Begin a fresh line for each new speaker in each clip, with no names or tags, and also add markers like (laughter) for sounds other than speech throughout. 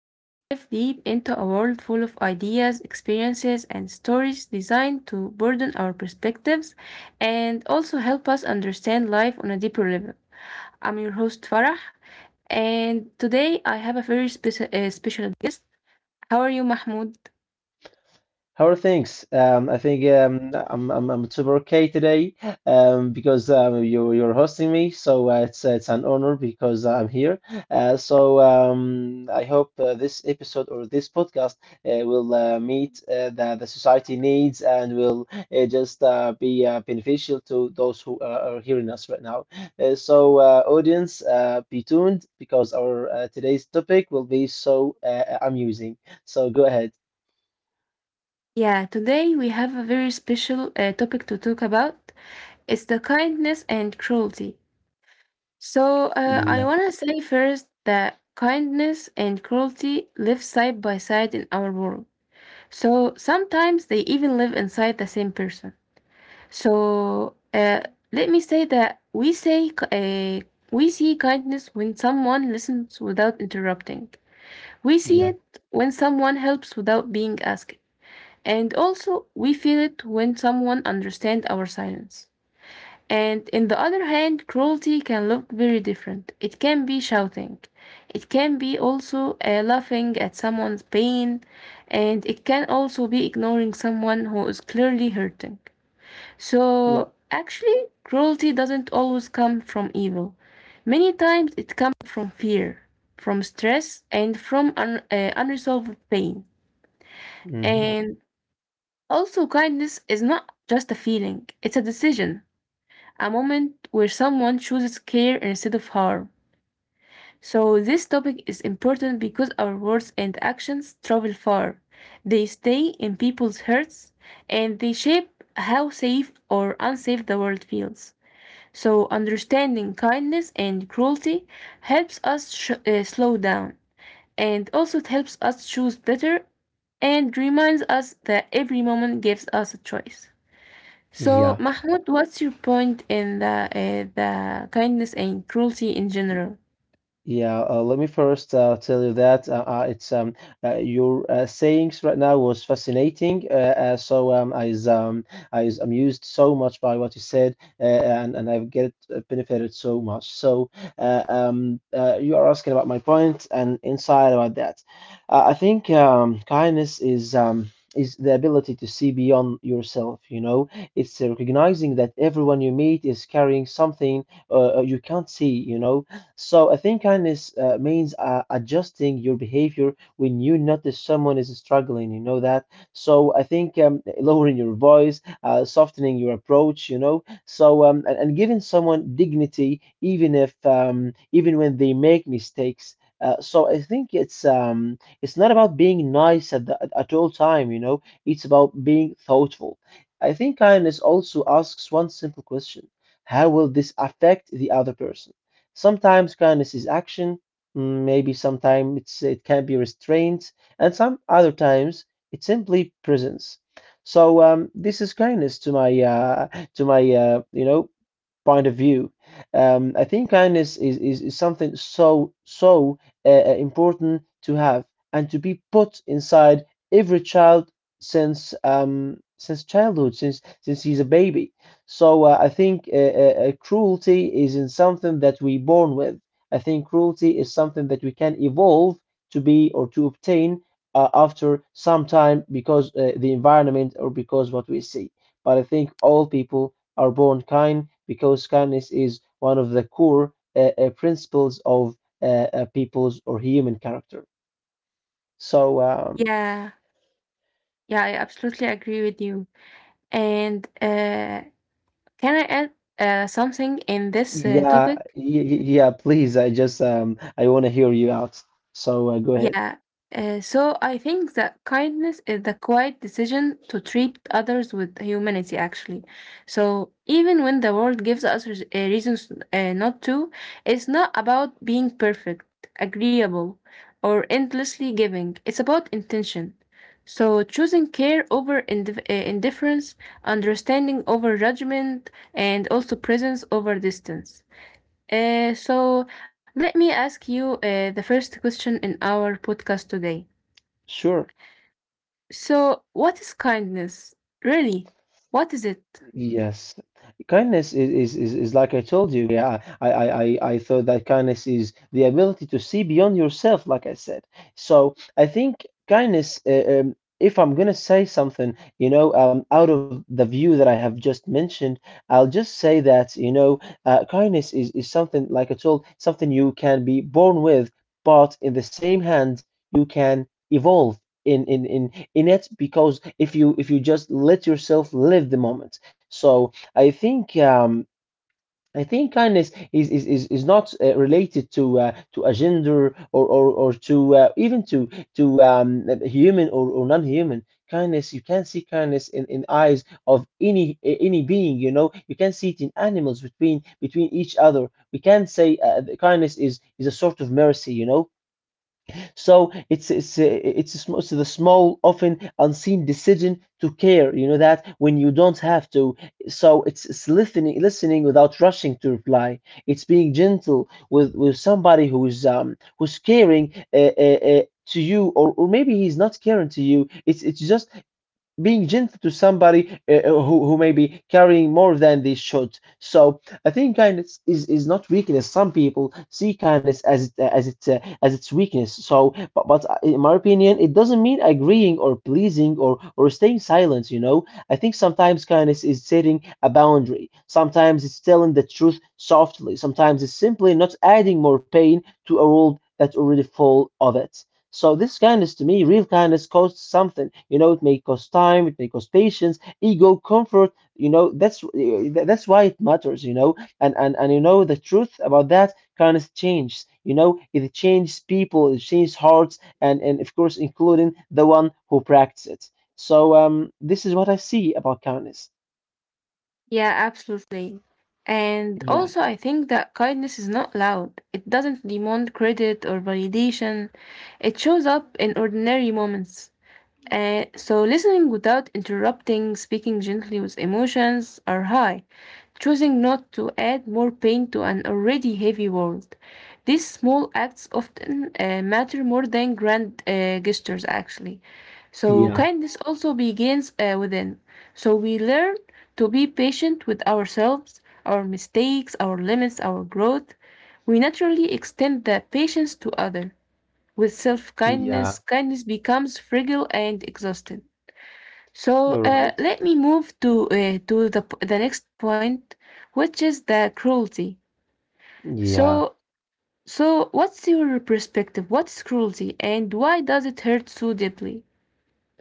where we dive deep into a world full of ideas, experiences, and stories designed to broaden our perspectives and also help us understand life on a deeper level. I'm your host, Farah, and today I have a very special guest. How are you, Mahmoud?
How are things? I think I'm super okay today because you're hosting me, so it's an honor because I'm here. So I hope this episode or this podcast will meet the society needs, and will just be beneficial to those who are hearing us right now. So audience, be tuned because our today's topic will be so amusing. So go ahead.
Yeah, today we have a very special topic to talk about. It's the kindness and cruelty. I
Yeah,
want to say first that kindness and cruelty live side by side in our world. So sometimes they even live inside the same person. So let me say that we say We see kindness when someone listens without interrupting. We see
yeah.
it when someone helps without being asked. And also, we feel it when someone understands our silence. And in the other hand, cruelty can look very different. It can be shouting, it can be also laughing at someone's pain, and it can also be ignoring someone who is clearly hurting.
Yeah.
So, actually, cruelty doesn't always come from evil. Many times it comes from fear, from stress, and from unresolved pain.
Hmm.
And also, kindness is not just a feeling, it's a decision, a moment where someone chooses care instead of harm. So, this topic is important because our words and actions travel far. They stay in people's hearts and they shape how safe or unsafe the world feels. So, understanding kindness and cruelty helps us slow down, and also it helps us choose better and reminds us that every moment gives us a choice. So,
Yeah.
Mahmoud, what's your point in the kindness and cruelty in general?
Yeah, let me first tell you that it's your sayings right now was fascinating. So I is amused so much by what you said, and I've get benefited so much. So you are asking about my point and insight about that. I think kindness is the ability to see beyond yourself. You know, it's recognizing that everyone you meet is carrying something you can't see. You know, so I think kindness means adjusting your behavior when you notice someone is struggling. You know that. So I think lowering your voice, softening your approach. You know. So and giving someone dignity, even if even when they make mistakes. So I think it's not about being nice at all time. You know, it's about being thoughtful. I think kindness also asks one simple question: how will this affect the other person? Sometimes kindness is action, maybe sometimes it can be restraint, and some other times it's simply presence. So this is kindness to my to my uh, you know point of view. I think kindness is something so important to have and to be put inside every child since childhood, since he's a baby. So I think cruelty isn't something that we born with. I think cruelty is something that we can evolve to be or to obtain after some time, because the environment, or because what we see. But I think all people are born kind, because kindness is one of the core principles of people's or human character. So um,
Yeah, yeah, I absolutely agree with you. And Can I add something in this
yeah,
topic?
y- y- yeah, please, I want to hear you out. So go ahead.
Yeah. So I think that kindness is the quiet decision to treat others with humanity, actually. So even when the world gives us reasons not to, it's not about being perfect, agreeable, or endlessly giving. It's about intention. So choosing care over indifference, understanding over judgment, and also presence over distance. So let me ask you the first question in our podcast today.
Sure.
So, what is kindness? Really? What is it?
Yes, kindness is like I told you. Yeah, I thought that kindness is the ability to see beyond yourself, like I said. So I think kindness, if I'm gonna say something, out of the view that I have just mentioned, I'll just say that, kindness is something, like I told, something you can be born with, but in the same hand, you can evolve in it, because if you just let yourself live the moment, so I think kindness is not related to a gender, or to even to human or non-human kindness. You can see kindness in eyes of any being. You know, you can see it in animals between each other. We can say the kindness is a sort of mercy. You know, so it's the small, often unseen decision to care. You know that, when you don't have to. So it's listening without rushing to reply. It's being gentle with somebody who's caring. To you, or maybe he's not caring to you. It's just being gentle to somebody who may be carrying more than they should. So I think kindness is not weakness. Some people see kindness as its weakness. So, but, in my opinion, it doesn't mean agreeing or pleasing or staying silent. You know, I think sometimes kindness is setting a boundary. Sometimes it's telling the truth softly. Sometimes it's simply not adding more pain to a world that's already full of it. So this kindness, to me, real kindness costs something. You know, it may cost time, it may cost patience, ego, comfort. You know, that's why it matters. You know, and you know the truth about that kindness changes. You know, it changes people, it changes hearts, and of course, including the one who practices it. So this is what I see about kindness.
Yeah, absolutely. And
Yeah.
also, I think that kindness is not loud. It doesn't demand credit or validation. It shows up in ordinary moments. Listening without interrupting, speaking gently with emotions are high, choosing not to add more pain to an already heavy world. These small acts often matter more than grand gestures, actually. So,
Yeah,
kindness also begins within. So, we learn to be patient with ourselves, our mistakes, our limits, our growth. We naturally extend that patience to others. With self
yeah, yeah,
kindness, kindness becomes fragile and exhausted.
you're right.
Let me move to the next point, which is the cruelty.
Yeah.
So so what's your perspective? What's cruelty, and why does it hurt so deeply?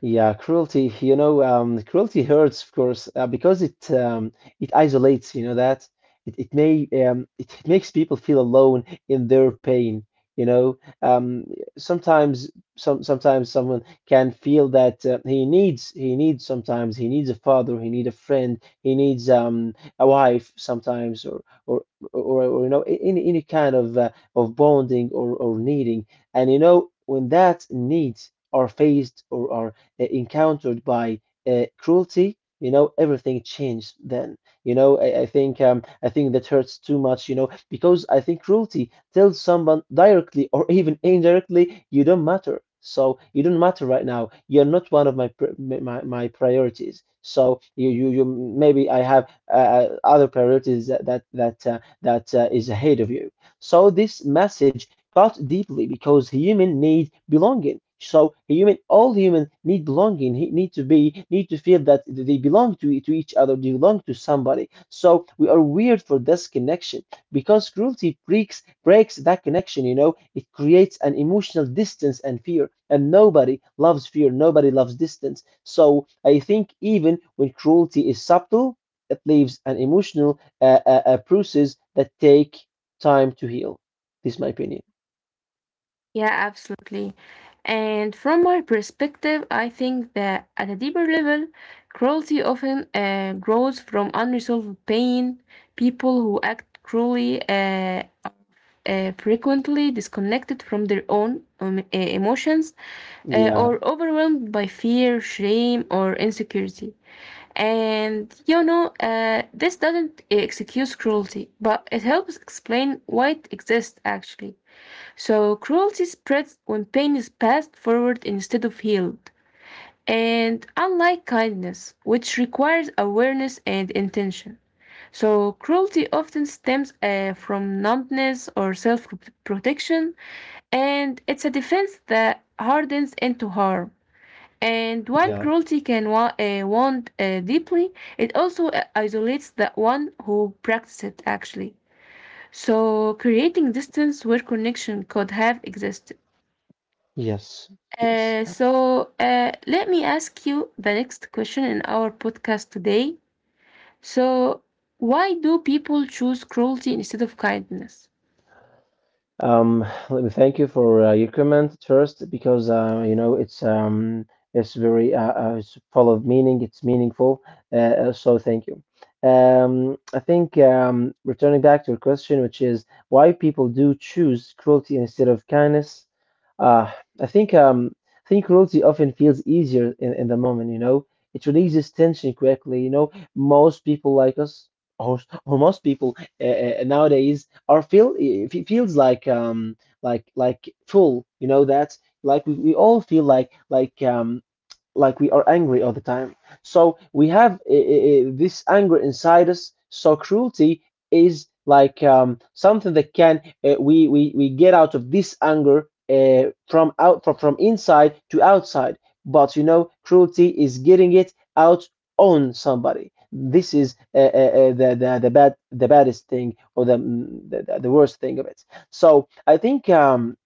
Yeah, cruelty hurts, of course, because it isolates, you know that it makes people feel alone in their pain, you know. Sometimes sometimes someone can feel that he needs sometimes he needs a father, he needs a friend, he needs a wife sometimes, or any kind of bonding or needing. And you know, when that needs are faced or are encountered by cruelty, everything changed then. You know, I think that hurts too much, you know, because I think cruelty tells someone, directly or even indirectly, you don't matter. So, you don't matter right now. You're not one of my my priorities. So you maybe I have other priorities that is ahead of you. So this message cut deeply because human need belonging. So human, all human need belonging. Need to be, need to feel that they belong to each other. They belong to somebody. So we are weird for this connection, because cruelty breaks that connection. You know, it creates an emotional distance and fear. And nobody loves fear. Nobody loves distance. So I think, even when cruelty is subtle, it leaves an emotional bruises that take time to heal. This is my opinion.
Yeah, absolutely. And from my perspective, I think that at a deeper level, cruelty often grows from unresolved pain. People who act cruelly frequently disconnected from their own emotions
Yeah,
or overwhelmed by fear, shame, or insecurity. And you know, this doesn't excuse cruelty, but it helps explain why it exists actually. So, cruelty spreads when pain is passed forward instead of healed. And unlike kindness, which requires awareness and intention, so cruelty often stems from numbness or self protection, and it's a defense that hardens into harm. And while
yeah.
cruelty can wound deeply, it also isolates the one who practices it actually. So, creating distance where connection could have existed.
Yes, yes.
Let me ask you the next question in our podcast today. So, why do people choose cruelty instead of kindness?
Let me thank you for your comment first, because it's full of meaning. It's meaningful. So thank you. I think returning back to your question, which is why people do choose cruelty instead of kindness. Uh, I think um, I think cruelty often feels easier in the moment. You know, it releases tension quickly. You know, most people like us, or, or most people nowadays, or feel, if it feels like full, you know that, like we all feel like like we are angry all the time. So we have this anger inside us. So cruelty is like something that can, we get out of this anger from inside to outside. But you know, cruelty is getting it out on somebody. This is the baddest thing, or the, mm, the worst thing of it. So I think um,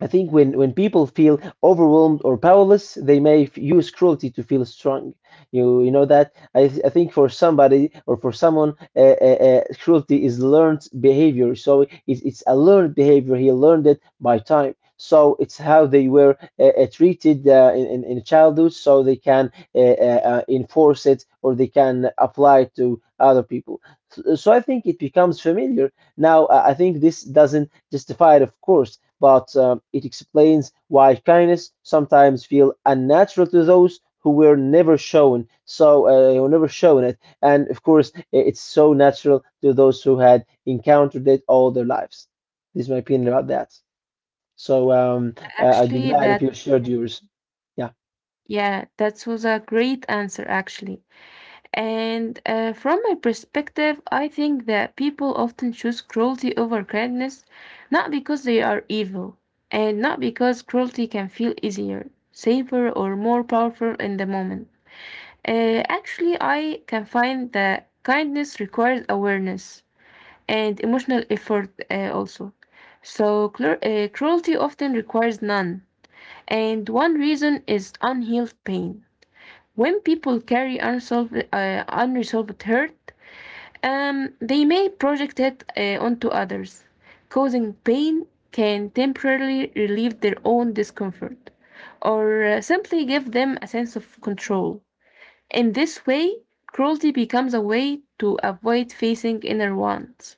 I think when people feel overwhelmed or powerless, they may use cruelty to feel strong. You know that, I think, for somebody or for someone, cruelty is learned behavior. So it's a learned behavior. He learned it by time. So it's how they were treated in childhood, so they can enforce it, or they can apply it to other people. So I think it becomes familiar now. I think this doesn't justify it, of course, but it explains why kindness sometimes feel unnatural to those who were never shown. So, who never shown it, and of course, it's so natural to those who had encountered it all their lives. This is my opinion about that. So, I'd be
Actually,
glad if
that
you shared yours. Yeah,
yeah, that was a great answer actually. And From my perspective, I think that people often choose cruelty over kindness, not because they are evil, and not because cruelty can feel easier, safer, or more powerful in the moment. Actually, I can find that kindness requires awareness and emotional effort also. So, cruelty often requires none. And one reason is unhealed pain. When people carry unresolved hurt, they may project it onto others. Causing pain can temporarily relieve their own discomfort or simply give them a sense of control. In this way, cruelty becomes a way to avoid facing inner wants.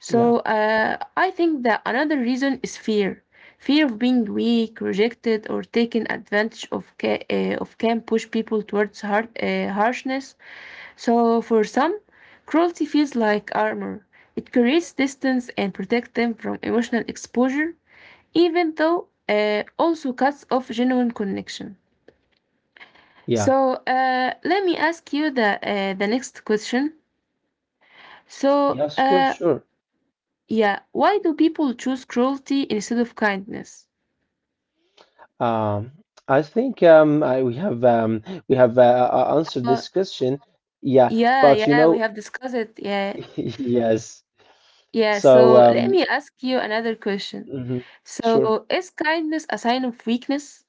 yeah,
I think that another reason is fear. Fear of being weak, rejected, or taken advantage of, can push people towards harshness. So for some, cruelty feels like armor. It creates distance and protects them from emotional exposure, even though also cuts off genuine connection.
yeah.
Let me ask you the next question. So
Yes, of course,
uh,
sure.
yeah, why do people choose cruelty instead of kindness?
Um, I think I, we have we have answered
Uh,
this question. Yeah, but
yeah, we have discussed it. Yeah,
(laughs) yes.
yeah.
So,
So let me ask you another question.
mhm, sure.
So is kindness a sign of weakness?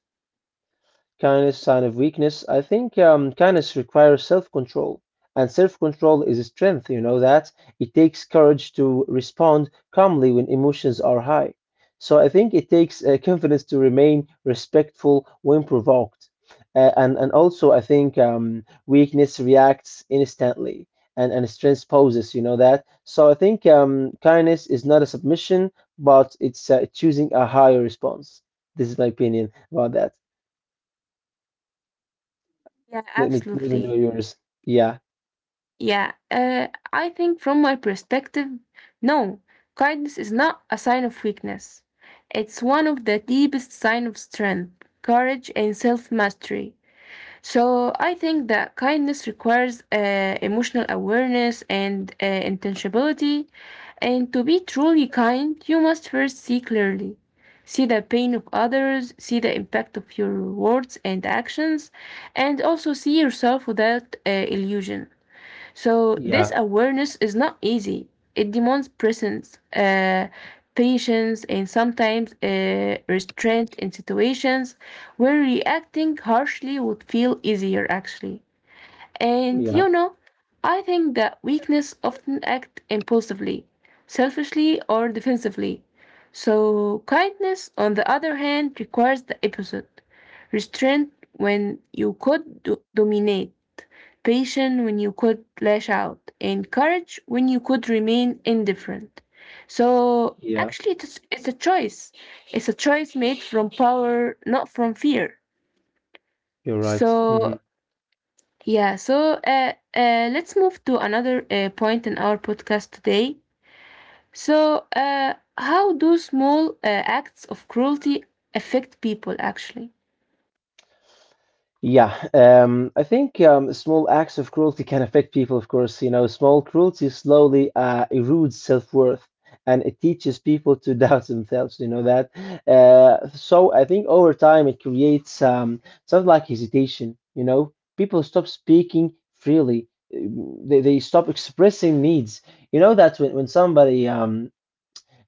Kindness, sign of weakness. I think kindness requires self control, and self control is a strength. You know that it takes courage to respond calmly when emotions are high. So I think it takes confidence to remain respectful when provoked, and also I think weakness reacts instantly. And strength poses, you know that. So I think kindness is not a submission, but it's choosing a higher response. This is my opinion about that.
Yeah,
Let me know
absolutely.
yours. Yeah,
Yeah, I think from my perspective, no, kindness is not a sign of weakness. It's one of the deepest signs of strength, courage, and self mastery. So I think that kindness requires emotional awareness and intentionality. And to be truly kind, you must first see clearly. See the pain of others, see the impact of your words and actions, and also see yourself without illusion. So this
yeah,
awareness is not easy. It demands presence, patience, and sometimes restraint in situations where reacting harshly would feel easier, actually. And
yeah,
you know, I think that weakness often act impulsively, selfishly, or defensively. So kindness, on the other hand, requires the opposite: restraint when you could dominate, patience when you could lash out, and courage when you could remain indifferent. So
yeah.
actually, it's a choice. It's a choice made from power, not from fear.
You're right.
So let's move to another point in our podcast today. So, how do small acts of cruelty affect people actually?
Yeah. I think small acts of cruelty can affect people, of course. You know, small cruelty slowly erodes self-worth, and it teaches people to (laughs) doubt themselves. You know that. So I think over time it creates something like hesitation. You know, people stop speaking freely. They stop expressing needs. You know that when somebody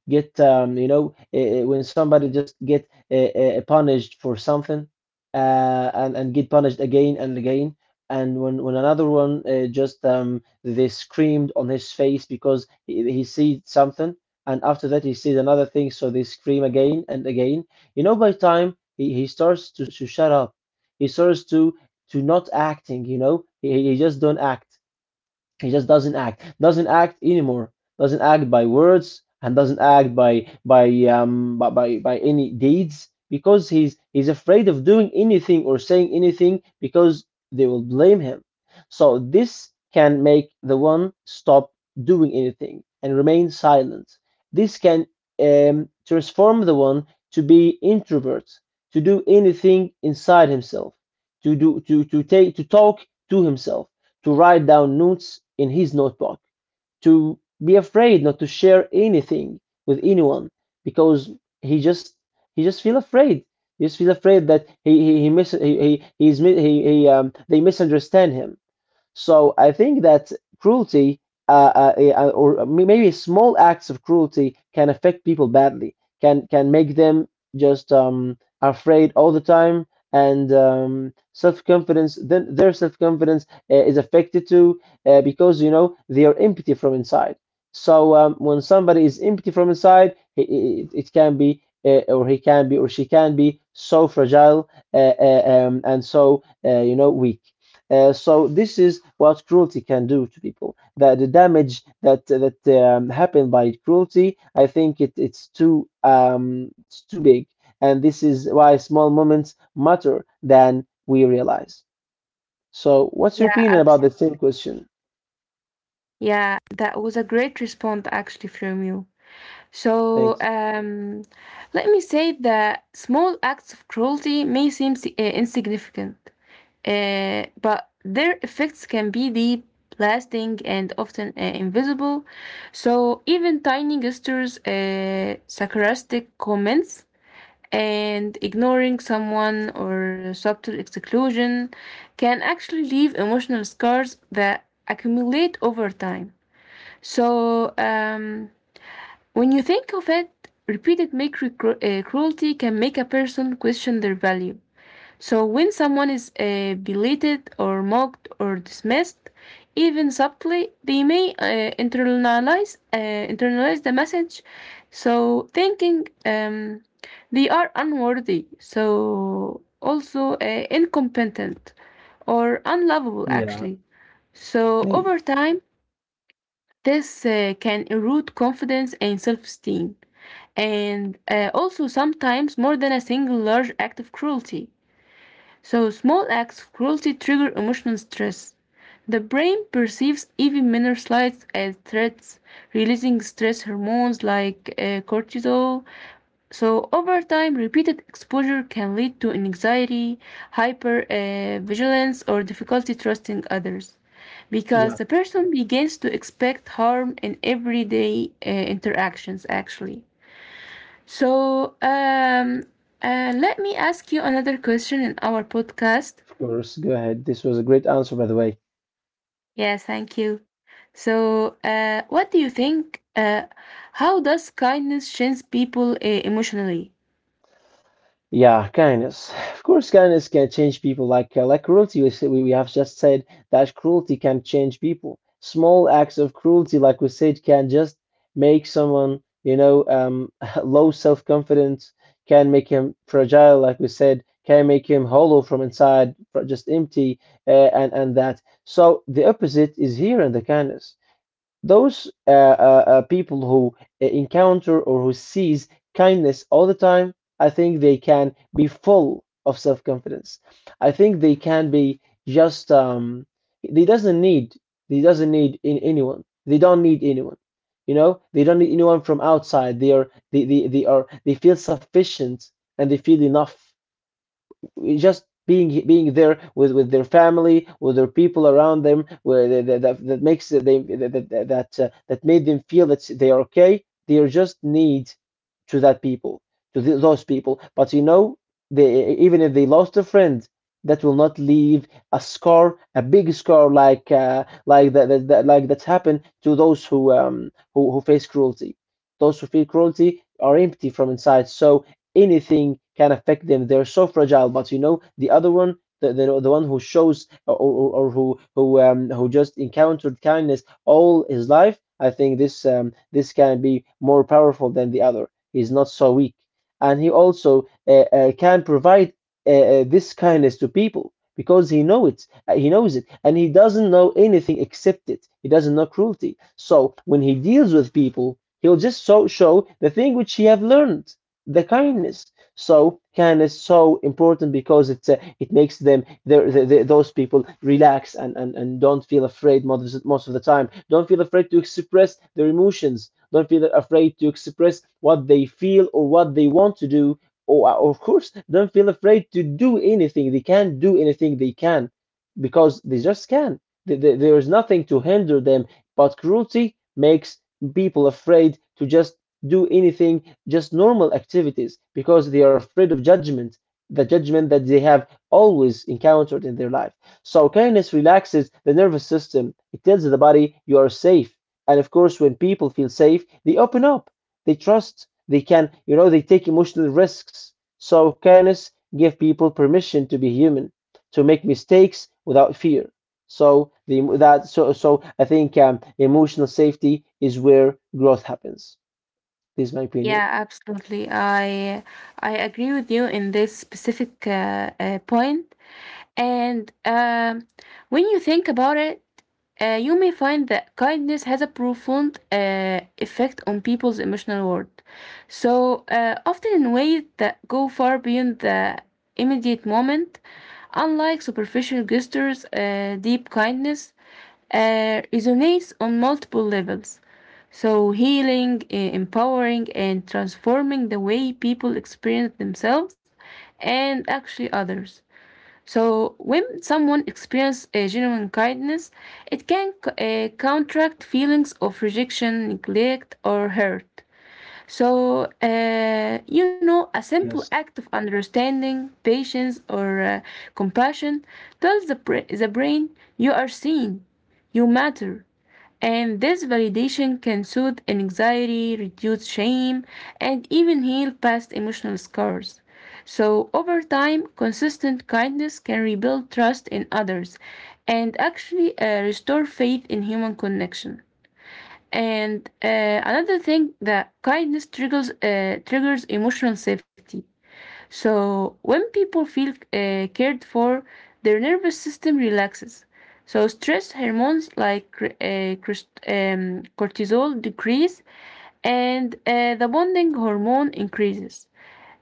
get when somebody just get punished for something and get punished again and again, and when another one just they screamed on his face because he sees something, and after that he sees another thing, so they scream again and again. You know, by time he starts to shut up, he starts to not acting You know, he just don't act, he just doesn't act anymore, doesn't act by words and doesn't act by any deeds, because he's afraid of doing anything or saying anything because they will blame him. So this can make the one stop doing anything and remain silent. This can transform the one to be introvert, to do anything inside himself, to do to talk to himself, to write down notes in his notebook, to be afraid not to share anything with anyone because he just he just feel afraid. He just feel afraid that he mis- he he's mi- he they misunderstand him. So I think that cruelty, or maybe small acts of cruelty, can affect people badly. Can make them just afraid all the time, and self confidence. Then their self confidence is affected too, because you know they are empty from inside. So when somebody is empty from inside, it can be. Or he can be, or she can be so fragile, and so you know weak. So this is what cruelty can do to people. That the damage that happened by cruelty, I think it's too big, and this is why small moments matter than we realize. So, what's your
Yeah,
opinion about
abs-
the same question?
yeah, that was a great response actually from you. So
Thanks.
um, Let me say that small acts of cruelty may seem insignificant, but their effects can be deep, lasting, and often invisible. So even tiny gestures, sarcastic comments, and ignoring someone or subtle exclusion can actually leave emotional scars that accumulate over time. So, um, when you think of it, repeated cruelty can make a person question their value. So when someone is belated or mocked or dismissed, even subtly, they may internalize the message. So thinking They are unworthy, so also incompetent or unlovable
Yeah,
actually. So
maybe.
over time, this can erode confidence and self esteem, and also sometimes more than a single large act of cruelty. So small acts of cruelty trigger emotional stress. The brain perceives even minor slights as threats, releasing stress hormones like cortisol. So, over time, repeated exposure can lead to anxiety, hypervigilance, or difficulty trusting others because
Yeah,
the person begins to expect harm in everyday interactions, actually. So, um, Let me ask you another question in our podcast.
of course. Go ahead. This was a great answer, by the way.
Yes, thank you. So, what do you think? How does kindness change people emotionally?
Yeah, kindness. Of course, kindness can change people. Like cruelty, we have just said that cruelty can change people. Small acts of cruelty, like we said, can just make someone, you know, (laughs) low self-confidence, can make him fragile, like we said, can make him hollow from inside, just empty, and that. So the opposite is here in the kindness. Those people who encounter or who sees kindness all the time, I think they can be full of self confidence. I think they can be just they doesn't need they doesn't need in anyone. They don't need anyone. You know, they don't need anyone from outside. They are they are they feel sufficient and they feel enough just being there with their family, with their people around them, where they, that, that that makes they that that that, that made them feel that they are okay. They are just need to that people, to th those people. But you know, they even if they lost a friend, that will not leave a scar, a big scar like that, that, that like that's happened to those who face cruelty. Those who feel cruelty are empty from inside. So anything can affect them. They're so fragile. But you know, the other one, the one who shows or who who just encountered kindness all his life, I think this can be more powerful than the other. He's not so weak, and he also can provide this kindness to people because he knows it, and he doesn't know anything except it. He doesn't know cruelty, so when he deals with people he'll just so show the thing which he have learned, the kindness. So kindness is so important because it makes them those people relax and don't feel afraid most of the time. Don't feel afraid to express their emotions. Don't feel afraid to express what they feel or what they want to do. Or of course, don't feel afraid to do anything. They can do anything they can because they just can. There is nothing to hinder them. But cruelty makes people afraid to just do anything, just normal activities, because they are afraid of judgment, the judgment that they have always encountered in their life. So, kindness relaxes the nervous system, it tells the body you are safe. And of course, when people feel safe, they open up, they trust, they can, you know, they take emotional risks. So, kindness gives people permission to be human, to make mistakes without fear. So the that so so I think emotional safety is where growth happens. This is my
Yeah,
opinion.
absolutely. I agree with you in this specific point. And When you think about it, you may find that kindness has a profound effect on people's emotional world. So often in ways that go far beyond the immediate moment, unlike superficial gestures, deep kindness resonates on multiple levels. So, healing, empowering, and transforming the way people experience themselves and actually others. So, when someone experiences a genuine kindness, it can counteract feelings of rejection, neglect, or hurt. So, you know, a simple act
Yes,
of understanding, patience, or compassion tells the brain you are seen, you matter. And this validation can soothe anxiety, reduce shame, and even heal past emotional scars. So, over time, consistent kindness can rebuild trust in others and actually restore faith in human connection. And Another thing that kindness triggers triggers emotional safety. So when people feel cared for, their nervous system relaxes. So stress hormones like cortisol decrease, and the bonding hormone increases.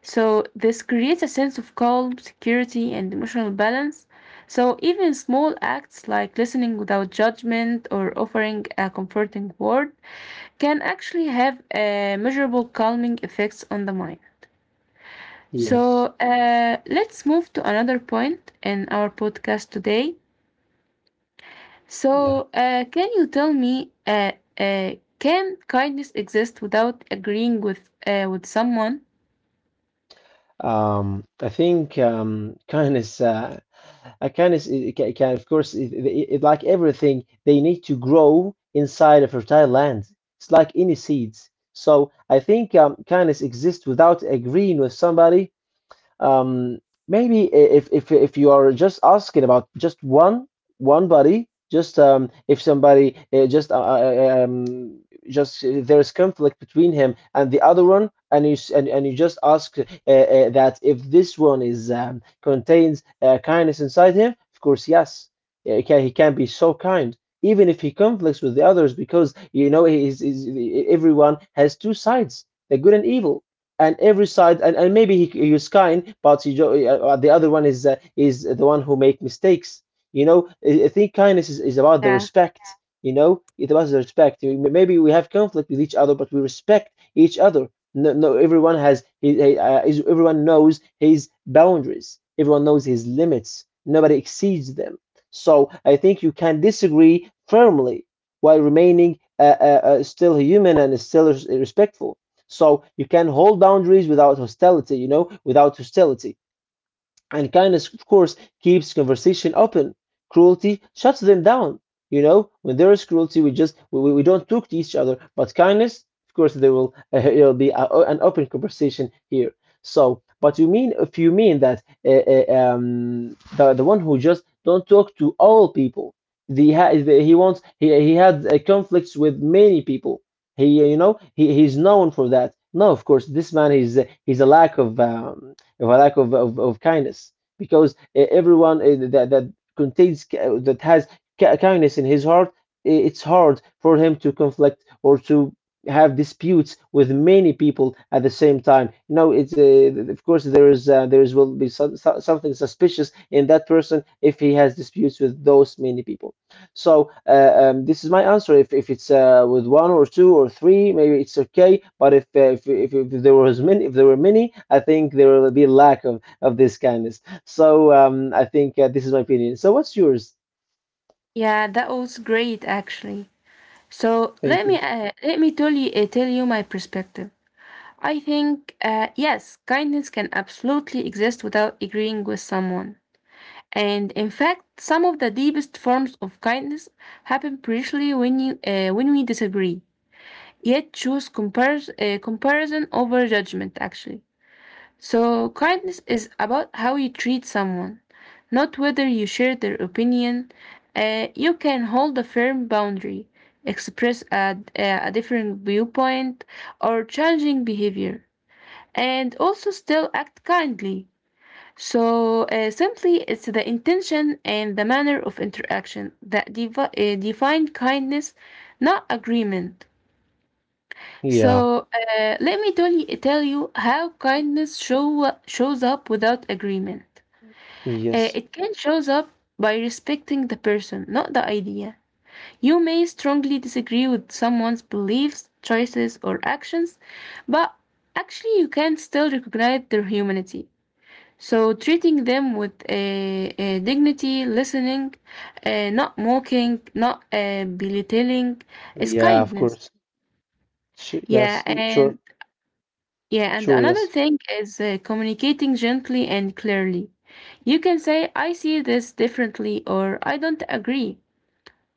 So this creates a sense of calm, security, and emotional balance. So even small acts like listening without judgment or offering a comforting word can actually have measurable calming effects on the mind.
yes,
Let's move to another point in our podcast today.
yeah.
Can you tell me, can kindness exist without agreeing with someone?
I think kindness, kindness can, of course, like everything, they need to grow inside a fertile land. It's like any seeds. So I think kindness exists without agreeing with somebody. Um, Maybe if you are just asking about just one body, just if somebody just there is conflict between him and the other one, and you just ask that if this one is contains kindness inside him, of course, yes. Yeah, he can be so kind. Even if he conflicts with the others, because you know is everyone has two sides, the good and evil, and every side, and maybe he was kind, but the other one is the one who make mistakes. You know, I think kindness is about the
Yeah,
respect. You know, it was the respect. Maybe we have conflict with each other, but we respect each other. No, no, everyone has everyone knows his boundaries, everyone knows his limits, nobody exceeds them. So I think you can disagree firmly while remaining still human and still respectful. So you can hold boundaries without hostility, you know, without hostility. And kindness, of course, keeps conversation open. Cruelty shuts them down. You know, when there is cruelty, we just we don't talk to each other. But kindness, of course, there will (laughs) it'll be an open conversation here. So, but you mean, if you mean that the one who just don't talk to all people, the, ha- the he wants, he had conflicts with many people. He You know, he's known for that. No, of course, this man he's a lack of a lack of kindness, because everyone that contains, that has kindness in his heart, it's hard for him to conflict or to have disputes with many people at the same time. No, it's of course there is will be something suspicious in that person if he has disputes with those many people. So this is my answer. If it's with one or two or three, maybe it's okay. But if if there was many, if there were many, I think there will be a lack of this kindness. So I think this is my opinion. So what's yours?
yeah, That was great actually. So
Thank
let me
you.
uh, let me tell you my perspective. I think yes, kindness can absolutely exist without agreeing with someone. And in fact, some of the deepest forms of kindness happen precisely when we disagree, yet choose compares, comparison over judgment, actually. So kindness is about how you treat someone, not whether you share their opinion. You can hold a firm boundary, express a different viewpoint, or challenging behavior, and also still act kindly. Simply, it's the intention and the manner of interaction that define kindness, not agreement.
Yeah.
Let me tell you how kindness shows up without agreement. Uh,
Yes.
it can shows up by respecting the person, not the idea. You may strongly disagree with someone's beliefs, choices, or actions, but actually you can still recognize their humanity. So treating them with dignity, listening, not mocking, not belittling, is
Yeah. Of
kindness.
course. Sh
Yeah,
Yes. Sure.
and yeah, and
Sure.
another
Yes.
thing is communicating gently and clearly. You can say, "I see this differently," or "I don't agree."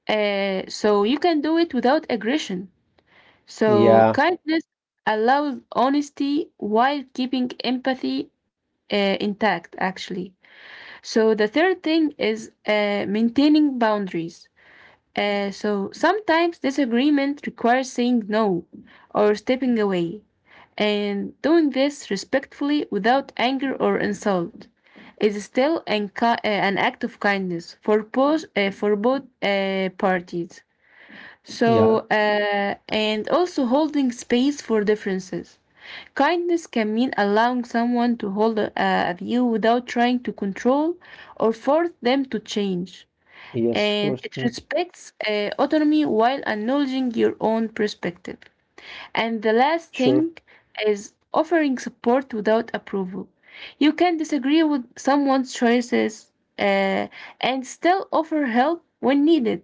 So you can do it without aggression. So
Yeah.
kindness allows honesty while keeping empathy intact, actually. So the third thing is maintaining boundaries. So sometimes disagreement requires saying no or stepping away, and doing this respectfully without anger or insult is still an act of kindness for both parties.
Yeah.
And also holding space for differences. Kindness can mean allowing someone to hold a view without trying to control or force them to change.
Yes. Of
And
course.
it
Mm.
respects autonomy while acknowledging your own perspective. And the last
Sure.
thing is offering support without approval. You can disagree with someone's choices uh, and still offer help when needed.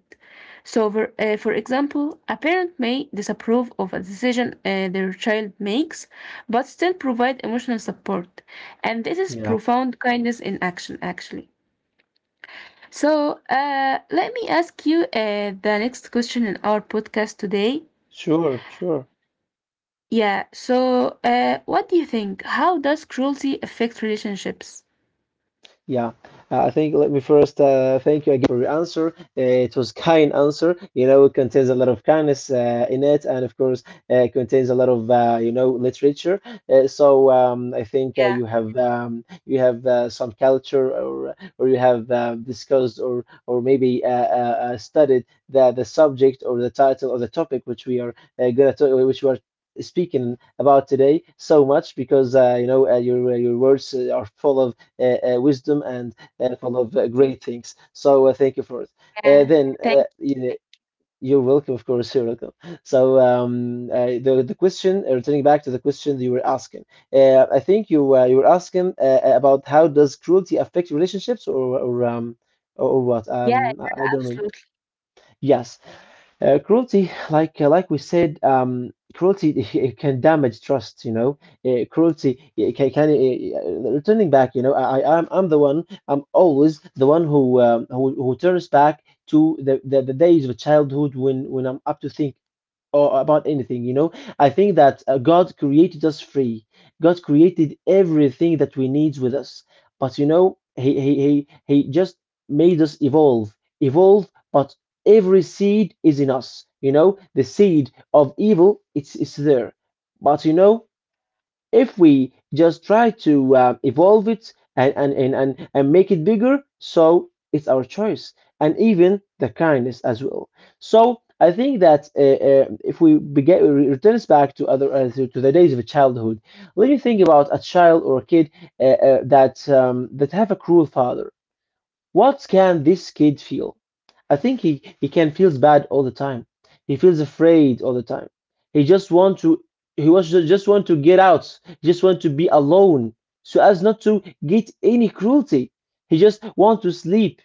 For example, a parent may disapprove of a decision their child makes, but still provide emotional support. And this is
Yeah.
profound kindness in action, actually. So let me ask you the next question in our podcast today.
Sure. Sure.
Yeah. So, what do you think? How does cruelty affect relationships?
Yeah, I think let me first thank you again for your answer. It was kind answer. You know, it contains a lot of kindness in it, and of course, it contains a lot of you know literature. I think
Yeah,
you have some culture, or you have discussed, or maybe studied the subject or the title or the topic which we are gonna talk, which we are speaking about today so much because you know your words are full of wisdom and full of great things. So thank you for it.
yeah.
Then
Thank
you
you.
you're welcome, of course, you're welcome. So the question, returning back to the question that you were asking, I think you were asking about how does cruelty affect relationships or what?
Yeah,
I don't remember.
absolutely.
Yes. Cruelty, like we said, cruelty (laughs) it can damage trust. You know, cruelty it can returning back. You know, I'm the one. I'm always the one who who turns back to the days of childhood when I'm up to think or about anything, you know. I think that God created us free. God created everything that we need with us. But you know, he just made us evolve, evolve, but every seed is in us. You know, the seed of evil, it's there. But you know, if we just try to evolve it and and make it bigger, so it's our choice, and even the kindness as well. So I think that if we begin, return us back to to the days of childhood, let me think about a child or a kid that have a cruel father. What can this kid feel? I think he can feels bad all the time. He feels afraid all the time. He just want to he was just want to get out. He just want to be alone so as not to get any cruelty. He just want to sleep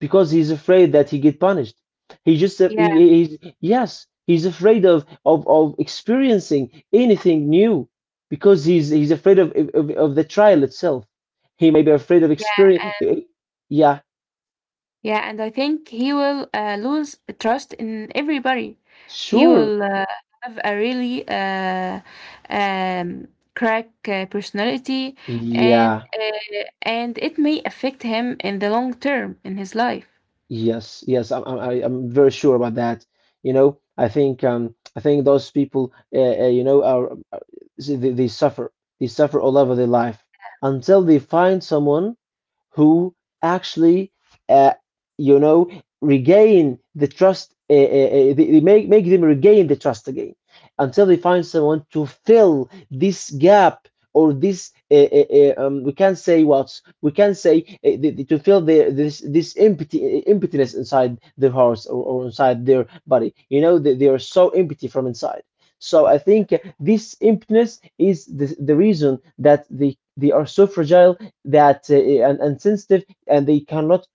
because he's afraid that he get punished. He just
Yeah,
he, he's, yes, he's afraid of, of experiencing anything new because he's afraid of the trial itself. He may be afraid of
yeah.
experience. Yeah,
Yeah, and I think he will lose trust in everybody. He
sure.
will have a really um, crack personality, and
Yeah.
and it may affect him in the long term in his life.
Yes. I'm very sure about that. You know, I think, I think those people, you know, are, they suffer. They suffer all over their life until they find someone who actually, uh, you know, regain the trust, make them regain the trust again until they find someone to fill this gap or this we can't say what we can say the- to fill the, this empty emptiness inside their hearts, or inside their body. You know, they are so empty from inside. So I think this emptiness is the reason that they are so fragile and sensitive, and they cannot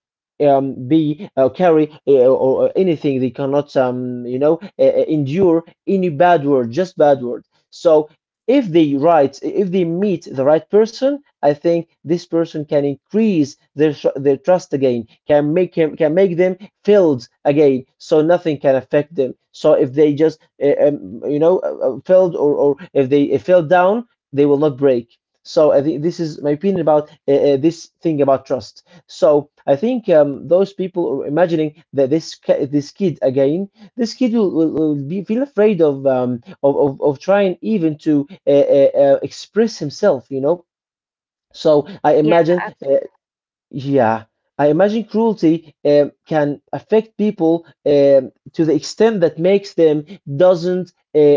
be carry or anything they cannot endure any bad word, just bad word. So if they meet the right person, I think this person can increase their trust again, can make him, can make them filled again, so nothing can affect them. So if they just filled, or if they fell down, they will not break. So this is my opinion about this thing about trust. So I think those people are imagining that this kid again, this kid will be feel afraid of of trying even to express himself. You know. So I
Yeah.
imagine, yeah, I imagine cruelty can affect people to the extent that makes them doesn't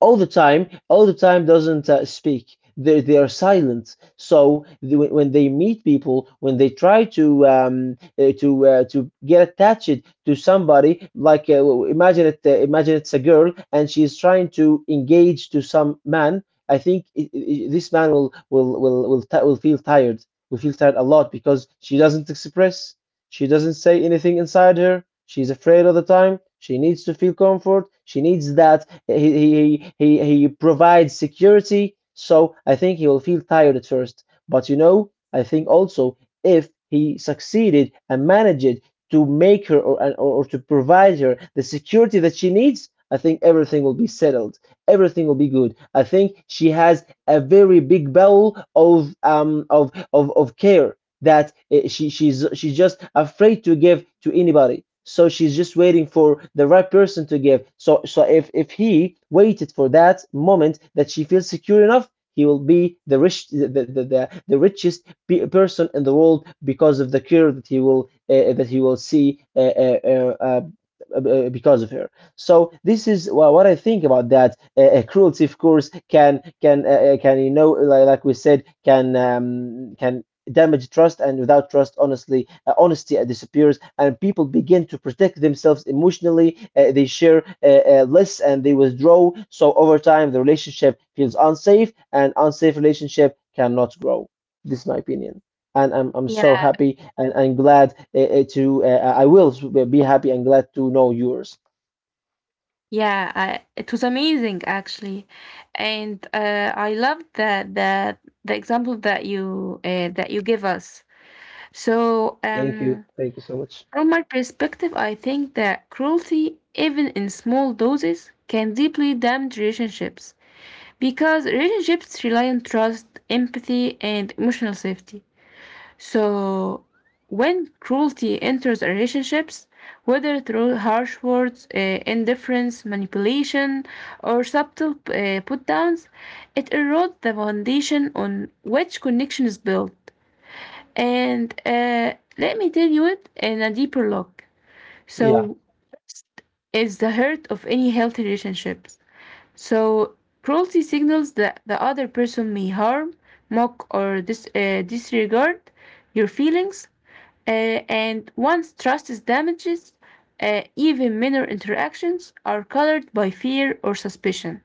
all the time doesn't speak. They are silent. So when they meet people, when they try to to get attached to somebody, like imagine it, imagine it's a girl and she's trying to engage to some man. I think this man will feel tired. We feel tired a lot because she doesn't express, she doesn't say anything inside her. She's afraid all the time. She needs to feel comfort. She needs that he provides security. So I think he will feel tired at first. But you know, I think also if he succeeded and managed to make her, or to provide her the security that she needs, I think everything will be settled. Everything will be good. I think she has a very big bowl of of care that she she's just afraid to give to anybody, so she's just waiting for the right person to give. So if he waited for that moment that she feels secure enough, he will be the richest person in the world because of the care that he will see, because of her. So this is what I think about that. Cruelty, of course, can, you know, like we said, can damage trust. And without trust, honestly, honesty disappears, and people begin to protect themselves emotionally. They share less, and they withdraw. So over time, the relationship feels unsafe, and unsafe relationship cannot grow. This is my opinion. And I'm so
Yeah.
happy and glad, I will be happy and glad to know yours.
Yeah, I, it was amazing actually, and I loved that the example that you give us. So, from my perspective, I think that cruelty, even in small doses, can deeply damage relationships because relationships rely on trust, empathy, and emotional safety. So, when cruelty enters our relationships, whether through harsh words, indifference, manipulation, or subtle put downs, it erodes the foundation on which connection is built. And let me tell you it in a deeper look.
Yeah,
So, is the heart of any healthy relationships. So cruelty signals that the other person may harm, mock, or disregard your feelings. And once trust is damaged, even minor interactions are colored by fear or suspicion.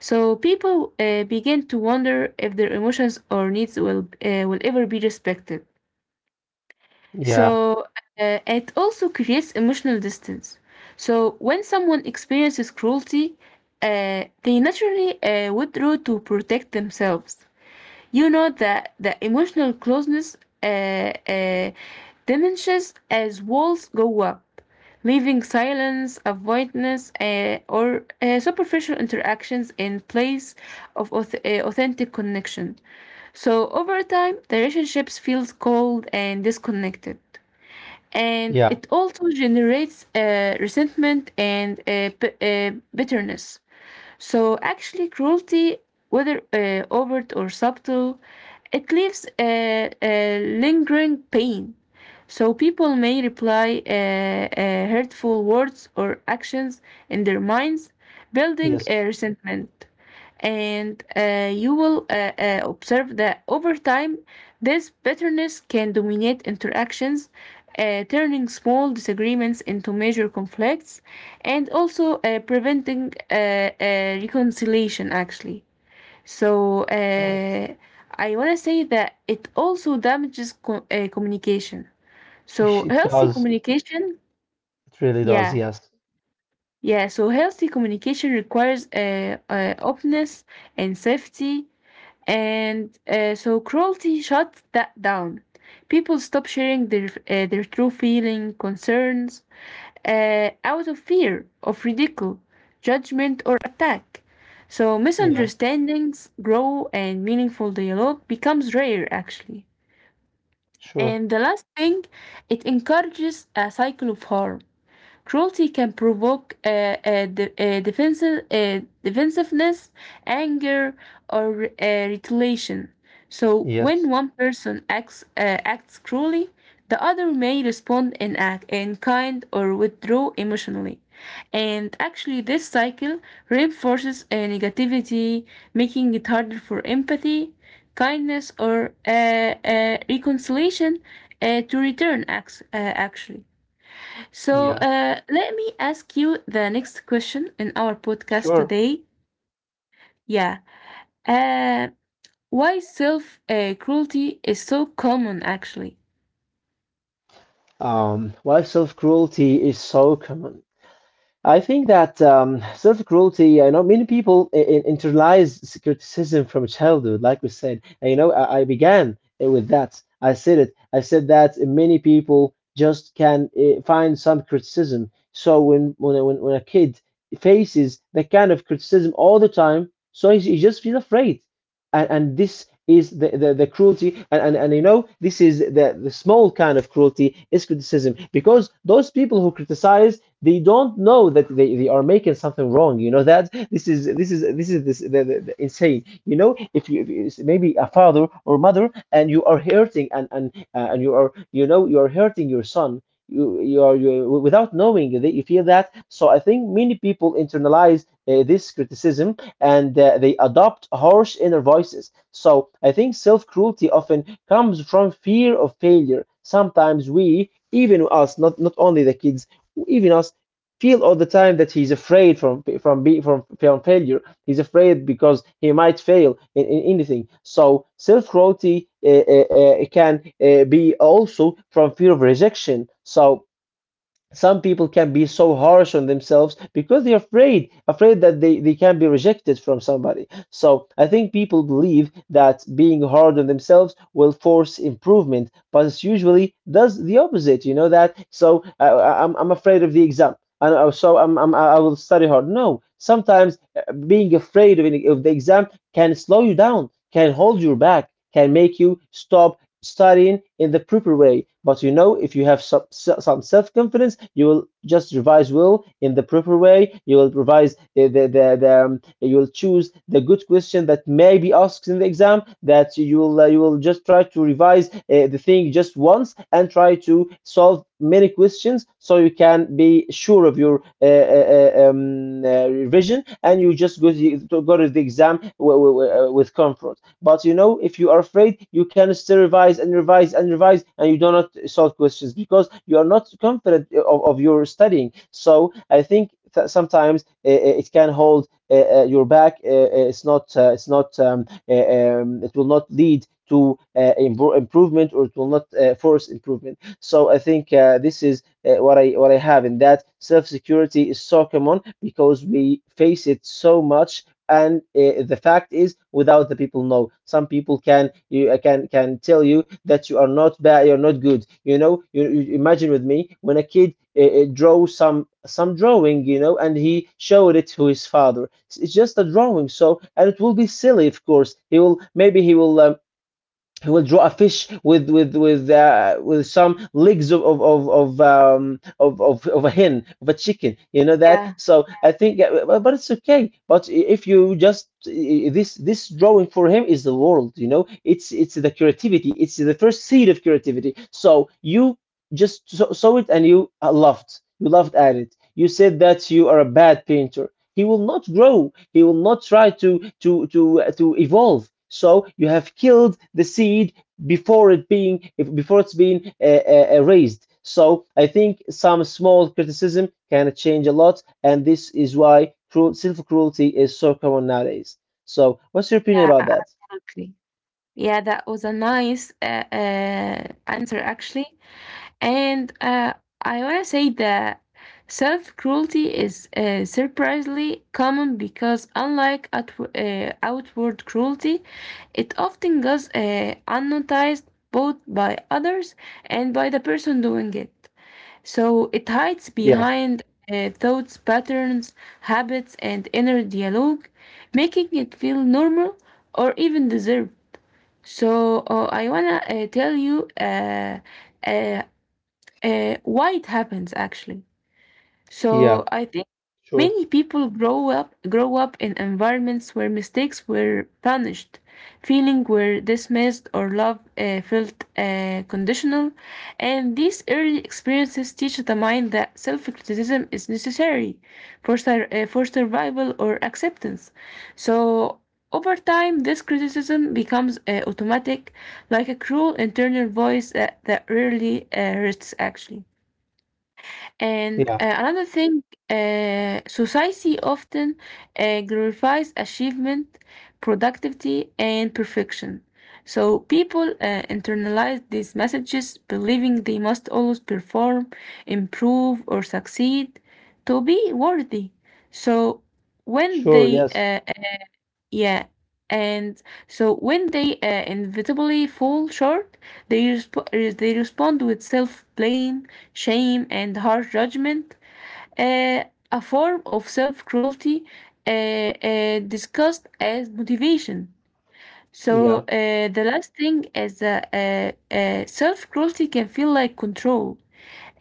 So people begin to wonder if their emotions or needs will ever be respected.
yeah,
So it also creates emotional distance. So when someone experiences cruelty, they naturally withdraw to protect themselves. You know that the emotional closeness uh, uh, diminishes as walls go up, leaving silence, avoidance, or superficial interactions in place of authentic connection. So over time, the relationships feels cold and disconnected, and
yeah,
it also generates resentment and bitterness. So actually, cruelty, whether overt or subtle, it leaves a lingering pain. So people may reply hurtful words or actions in their minds, building
yes.
a resentment. And you will observe that over time, this bitterness can dominate interactions, turning small disagreements into major conflicts, and also preventing reconciliation, actually. So,
Right.
uh, I want to say that it also damages communication.
(laughs)
So,
It
healthy
does.
communication,
It really does.
yeah,
Yes.
yeah. So, healthy communication requires openness and safety, and so cruelty shut that down. People stopped sharing their true feeling, concerns, out of fear of ridicule, judgment, or attack. So
Yeah,
misunderstandings grow, and meaningful dialogue becomes rare, actually.
sure.
And the last thing, it encourages a cycle of harm. Cruelty can provoke defensiveness, anger, or retaliation. So when
Yes.
one person acts cruelly, the other may respond in act in kind or withdraw emotionally. And actually, this cycle reinforces negativity, making it harder for empathy, kindness, or reconciliation to return. Acts, actually. So
Yeah,
uh, let me ask you the next question in our podcast
sure.
today. Yeah. Uh, why self cruelty is so common, actually?
Why self-cruelty is so common. I think that self cruelty, I know many people internalize criticism from childhood, like we said. And, you know, I began it with that. I said it. I said that many people just can find some criticism. So when a kid faces that kind of criticism all the time, so he just feels afraid. And this is the cruelty. And you know, this is the small kind of cruelty is criticism, because those people who criticize, they don't know that they are making something wrong. You know that, this is this is this is this the insane. You know, if you, if it's maybe a father or mother, and you are hurting, and and you are, you know, you are hurting your son, you are you, without knowing that you feel that. So I think many people internalize this criticism, and they adopt harsh inner voices. So I think self-cruelty often comes from fear of failure. Sometimes we even us, not only the kids, even us feel all the time that he's afraid from failure. He's afraid because he might fail in anything. So self cruelty can be also from fear of rejection. So some people can be so harsh on themselves because they're afraid that they can be rejected from somebody. So I think people believe that being hard on themselves will force improvement, but it's usually does the opposite. You know that. So I'm afraid of the exam, and I'm, I will study hard. No, sometimes being afraid of, of the exam can slow you down, can hold you back, can make you stop studying in the proper way. But you know, if you have some self-confidence, you will just revise well in the proper way. You will revise the you will choose the good question that may be asked in the exam. That you will just try to revise the thing just once and try to solve many questions, so you can be sure of your revision, and you just go to, go to the exam with comfort. But you know, if you are afraid, you can still revise and revise and revise, and you do not solve questions because you are not confident of your studying. So I think that sometimes it can hold your back. It's not. It's not. It will not lead to improvement, or it will not force improvement. So I think this is what I have in that self security is so common because we face it so much. And the fact is without the people know, some people can you can tell you that you are not bad, you're not good, you know. You imagine with me, when a kid draw some drawing, you know, and he showed it to his father, it's just a drawing, so and it will be silly. Of course he will, maybe he will draw a fish with with some legs of a hen, of a chicken, you know that.
Yeah,
So I think but it's okay. But if you just, this drawing for him is the world, you know, it's the creativity, it's the first seed of creativity. So you just saw it and you laughed, you laughed at it, you said that you are a bad painter. He will not grow, he will not try to to evolve, so you have killed the seed before it being, before it's been raised. So I think some small criticism can change a lot, and this is why cruel self cruelty is so common nowadays. So what's your opinion
yeah,
about that?
absolutely. Yeah, that was a nice answer, actually. And I want to say that self cruelty is surprisingly common because, unlike outward cruelty, it often goes unnoticed both by others and by the person doing it. So it hides
Yeah,
behind thoughts, patterns, habits, and inner dialogue, making it feel normal or even deserved. I wanna tell you uh, why it happens actually.
yeah,
So I think
sure.
many people grow up in environments where mistakes were punished, feeling were dismissed or love felt conditional, and these early experiences teach the mind that self-criticism is necessary for for survival or acceptance. So, over time, this criticism becomes automatic, like a cruel internal voice that rarely rests actually. And
Yeah,
another thing, society often glorifies achievement, productivity, and perfection. So people internalize these messages, believing they must always perform, improve, or succeed to be worthy. So when
sure,
they
yes.
yeah, and so when they inevitably fall short, they respond with self-blame, shame, and harsh judgment, uh, a form of self-cruelty, discussed as motivation. So
Yeah,
uh, the last thing is that self cruelty can feel like control.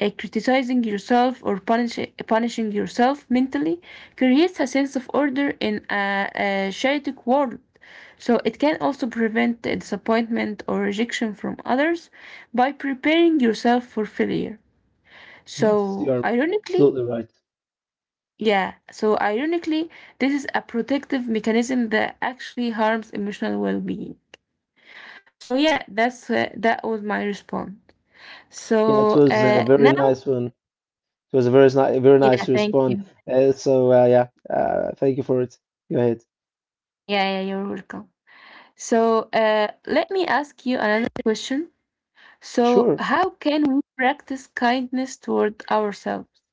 Criticizing yourself or punishing yourself mentally creates a sense of order in a chaotic world. So it can also prevent the disappointment or rejection from others by preparing yourself for failure.
yes, you're
So
absolutely
ironically,
right.
yeah, so ironically, this is a protective mechanism that actually harms emotional well-being. So yeah, that's that was my response.
Yeah, it
So
was a very
now,
nice one. It was a very
yeah,
nice
thank
response.
you.
So yeah, thank you for it. Go ahead.
Yeah, yeah, you're welcome. So let me ask you another question. So
Sure.
how can we practice kindness toward ourselves?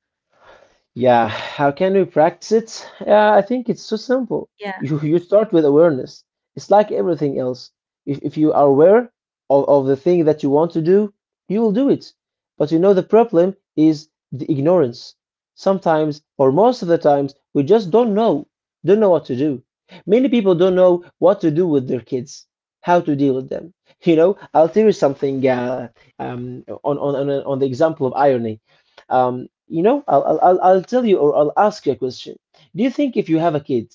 Yeah, how can we practice it? Yeah, I think it's so simple.
Yeah,
You start with awareness. It's like everything else. If you are aware of the thing that you want to do, you will do it. But you know, the problem is the ignorance. Sometimes, or most of the times, we just don't know what to do. Many people don't know what to do with their kids, how to deal with them. You know, I'll tell you something, on the example of irony. You know, I'll tell you, or I'll ask you a question. Do you think if you have a kid,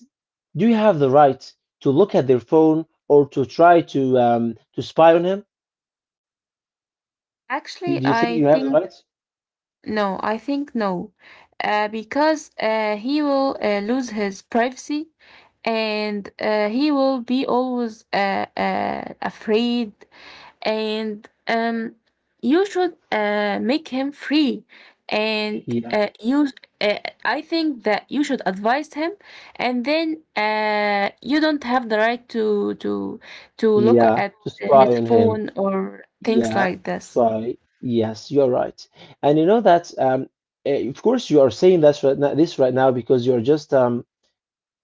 do you have the right to look at their phone or to try to spy on him?
actually,
Do you think
I
you have the
think.
right?
No, I think no, because he will lose his privacy and he will be always afraid. And you should make him free. And
Yeah,
you, I think that you should advise him, and then you don't have the right to look
yeah,
at
to spy
his
on him.
phone or things
Yeah,
like this.
spy. Yes, you're right. And you know that of course you are saying that's right now, this right now, because you're just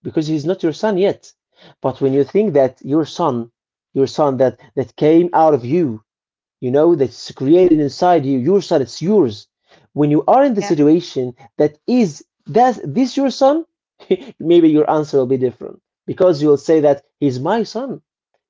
because he's not your son yet. But when you think that your son that that came out of you, you know, that's created inside you, your son, it's yours. When you are in the
Yeah,
situation that is that this your son (laughs) maybe your answer will be different, because you'll say that he's my son,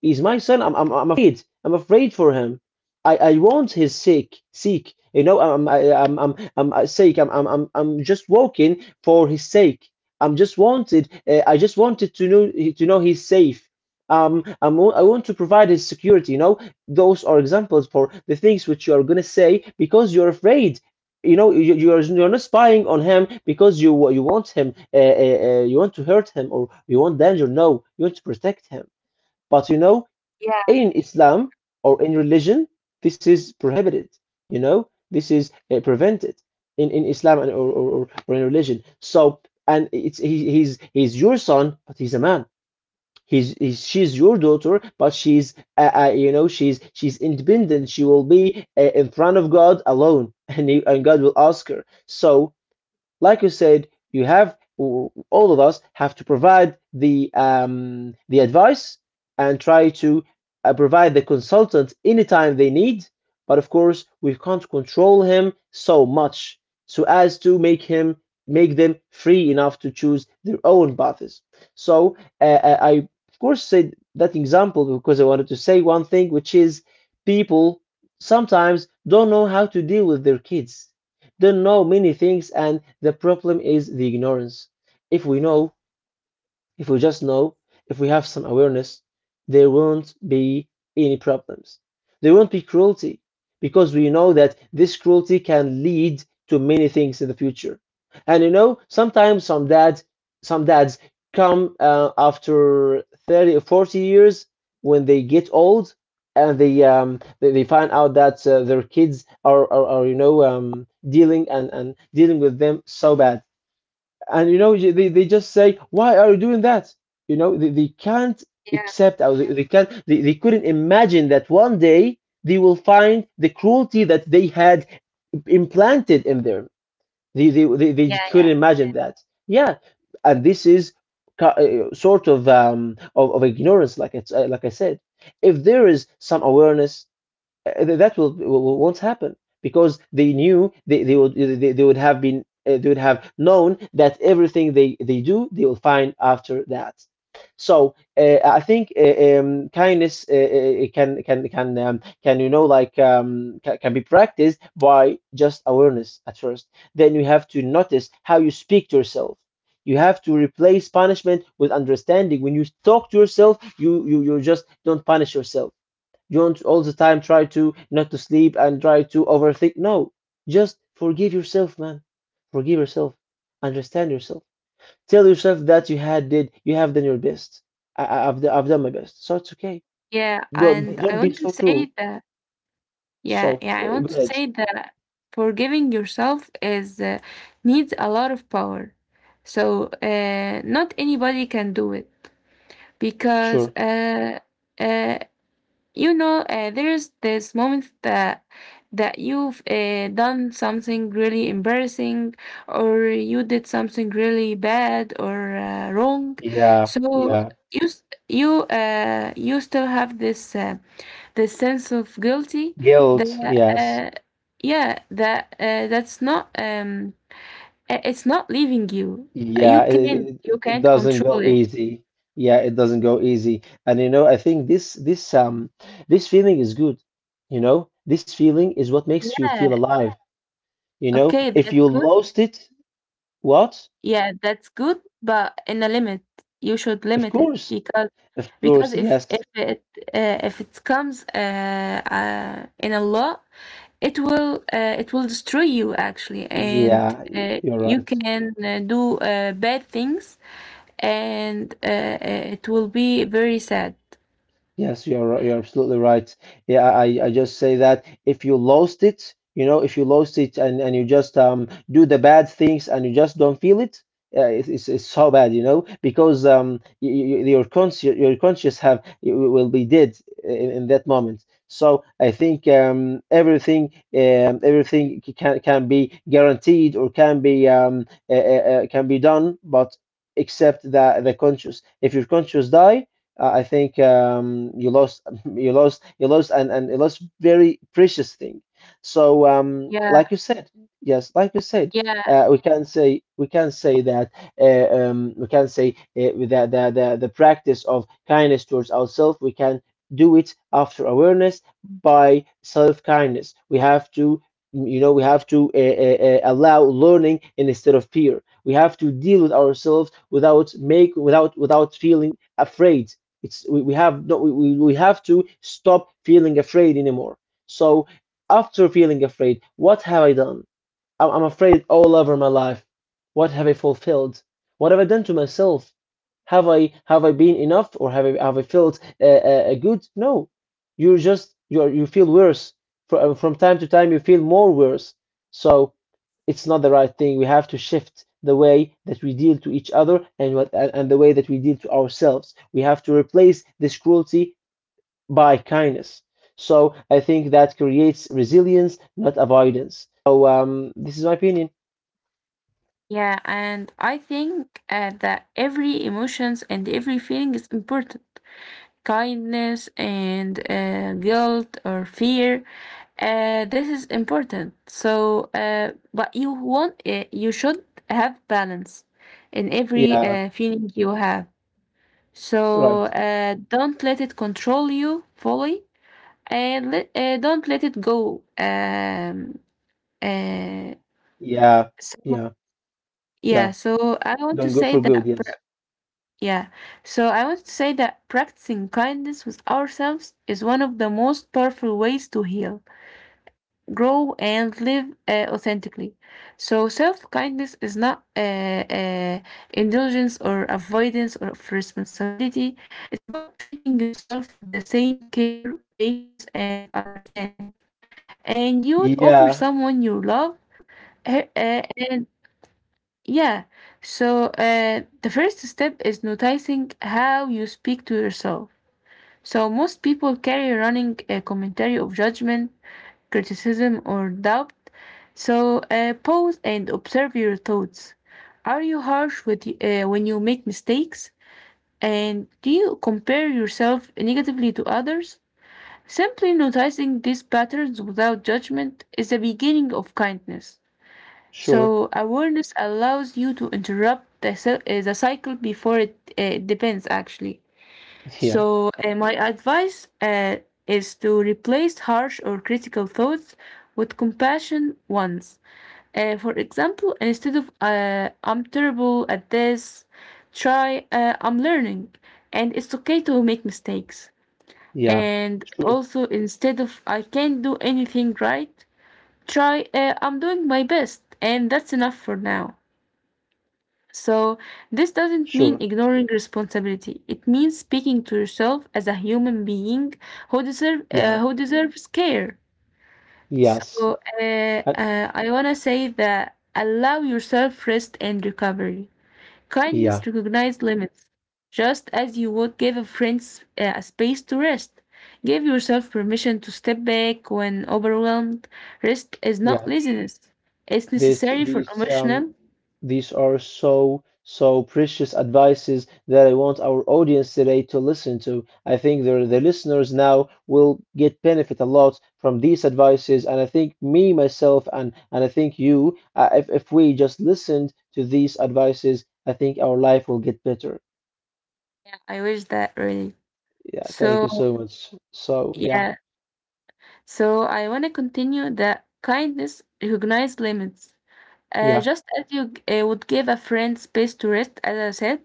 he's my son. I'm afraid, I'm afraid for him. I want his sake seek, you know. I'm just walking for his sake. I just wanted to know, to know he's safe. I want to provide his security, you know. Those are examples for the things which you are going to say because you're afraid. You know, you're not spying on him because you want him you want to hurt him, or you want danger. No, you want to protect him. But you know, in Islam or in religion, this is prohibited. You know, this is prevented in Islam, and, or in religion. So, and it's he's your son, but he's a man. He's, she's your daughter, but she's you know, she's independent. She will be in front of God alone, and God will ask her. So like you said, you have all of us have to provide the advice, and try to provide the consultant anytime they need. But of course, we can't control him so much so as to make him, make them free enough to choose their own paths. So I I, of course said that example because I wanted to say one thing, which is people sometimes don't know how to deal with their kids, don't know many things, and the problem is the ignorance. If we know, if we just know, if we have some awareness, there won't be any problems. There won't be cruelty, because we know that this cruelty can lead to many things in the future. And you know, sometimes some dads come after 30 or 40 years, when they get old, and they they find out that their kids are, are you know dealing and dealing with them so bad. And you know they just say, why are you doing that? You know they can't
yeah,
accept, or they can't, they couldn't imagine that one day they will find the cruelty that they had implanted in them. They
yeah.
couldn't imagine that. Yeah. And this is sort of of ignorance, like it's like I said, if there is some awareness, that will won't happen, because they knew, they would, they would have been they would have known that everything they do, they will find after that. So I think kindness can you know like can be practiced by just awareness at first. Then you have to notice how you speak to yourself. You have to replace punishment with understanding. When you talk to yourself, you just don't punish yourself. You don't all the time try to not to sleep and try to overthink. No, just forgive yourself, man. Forgive yourself. Understand yourself. Tell yourself that you had did you have done your best. I've done my best, so it's okay.
Yeah,
Don't
and
don't
I
be
want to
so cruel.
say that,
So
yeah, yeah, I
go
want to
ahead.
say that forgiving yourself is needs a lot of power. Not anybody can do it
Sure.
because uh, you know, there's this moment that you've done something really embarrassing or you did something really bad or wrong.
Yeah.
so
Yeah.
you s- you you still have this this sense of guilty
Guilt.
that
Yes.
that's not um, it's not leaving you. you
Yeah,
can't you
it
can't
doesn't
control
go
it.
easy. Yeah, it doesn't go easy. And you know, I think this feeling is good. You know, this feeling is what makes you
Yeah,
feel alive. You know,
okay,
if
that's
you
good.
lost it, what?
Yeah, that's good, but in a limit. You should
Of
limit it
course,
because
of
because
course,
if
yes.
if it, if it comes in a lot, it will destroy you actually, and
Yeah, y- you're
you
right.
can do bad things, and it will be very sad.
Yes, you're absolutely right. Yeah, I just say that if you lost it, you know, if you lost it and you just do the bad things and you just don't feel it, it's it's so bad, you know, because your conscious, your conscious will be dead in that moment. So I think everything, everything can be guaranteed, or can be done, but except that the conscious. If your conscious die, I think you lost, (laughs) you lost, and you lost very precious thing. So,
Yeah,
like you said, yes, like you said,
yeah.
we can say that we can say that the practice of kindness towards ourselves, we can do it after awareness, by self kindness. We have to. You know, we have to allow learning instead of fear. We have to deal with ourselves without make, without feeling afraid. We have no, we have to stop feeling afraid anymore. So, after feeling afraid, what have I done? I'm afraid all over my life. What have I fulfilled? What have I done to myself? Have I been enough, or have I felt good? No, you you feel worse. From time to time, you feel more worse. So it's not the right thing. We have to shift the way that we deal to each other, and what and the way that we deal to ourselves. We have to replace this cruelty by kindness. So I think that creates resilience, not avoidance. So this is my opinion.
Yeah, and I think that every emotions and every feeling is important. Kindness and guilt or fear, this is important. So, but you should have balance in every
Yeah,
feeling you have. So
right.
don't let it control you fully, and let, don't let it go. Uh,
Yeah,
so
yeah,
yeah,
yeah.
so I want to
Don't go
say
for
that.
good. Yes.
Yeah, so I would say that practicing kindness with ourselves is one of the most powerful ways to heal, grow, and live authentically. So self kindness is not indulgence or avoidance or of responsibility, it's about treating yourself with the same care, patience, and understanding. And you would offer
Yeah,
someone you love. Uh, uh, and yeah. So the first step is noticing how you speak to yourself. So most people carry running a commentary of judgment, criticism, or doubt. So pause and observe your thoughts. Are you harsh with when you make mistakes? And do you compare yourself negatively to others? Simply noticing these patterns without judgment is the beginning of kindness.
sure.
So awareness allows you to interrupt the cycle before it depends actually.
(laughs) Yeah,
So my advice is to replace harsh or critical thoughts with compassion ones. For example, instead of I'm terrible at this, try I'm learning, and it's okay to make mistakes.
yeah,
And
sure,
also, instead of I can't do anything right, try I'm doing my best and that's enough for now. So this doesn't mean
sure.
ignoring responsibility, it means speaking to yourself as a human being who deserve
Yeah,
who deserves care. So
yes. Uh,
I want to say that allow yourself rest and recovery. Kindness
yeah,
recognizes limits. Just as you would give a friend a space to rest, give yourself permission to step back when overwhelmed. Rest is not
yeah.
laziness, it's
This,
necessary for
these,
emotional.
these are so, so precious advices that I want our audience today to listen to. I think the listeners now will get benefit a lot from these advices. And I think me, myself, and I think you, if we just listened to these advices, I think our life will get better.
Yeah, I wish that really.
Yeah, thank
So,
you so much. So, yeah,
yeah, so I want to continue that kindness recognizes limits.
yeah,
Just as you would give a friend space to rest, as I said,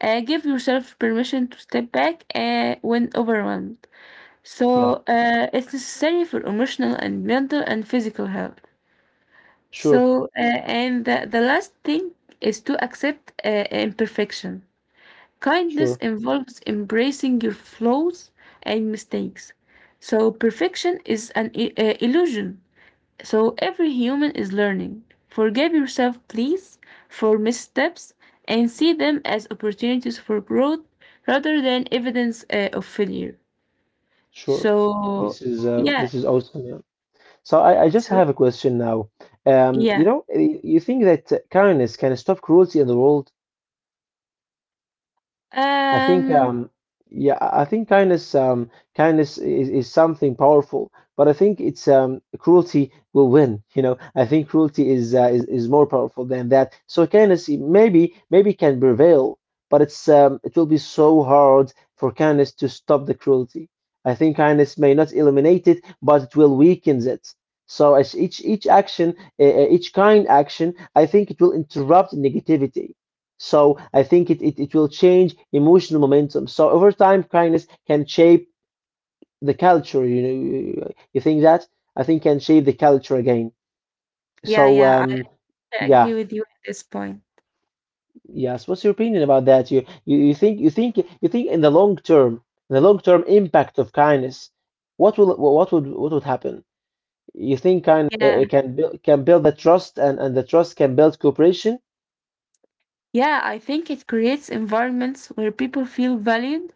give yourself permission to step back when overwhelmed.
yeah,
So it's necessary for emotional and mental and physical health.
sure,
So and the last thing is to accept imperfection. Kindness
sure,
involves embracing your flaws and mistakes. So perfection is an illusion. So every human is learning. Forgive yourself, please, for missteps and see them as opportunities for growth rather than evidence of failure.
sure.
So yeah.
This is awesome. Yeah. So I just
So.
have a question now. You
Yeah.
know, you think that kindness can stop cruelty in the world? I think
Um,
yeah, I think kindness kindness is something powerful, but I think it's cruelty will win, you know. I think cruelty is is more powerful than that. So kindness maybe can prevail, but it's it will be so hard for kindness to stop the cruelty. I think kindness may not eliminate it, but it will weaken it. So as each action, each kind action, I think it will interrupt negativity. So I think it will change emotional momentum. So over time, kindness can shape the culture. You know, you think that? I think can shape the culture again.
yeah,
So
yeah, I
yeah,
agree with you at this point.
yes. What's your opinion about that? You think in the long term impact of kindness, what will what would happen? You think kind it
Yeah.
can build, the trust, and the trust can build cooperation?
Yeah, I think it creates environments where people feel valued,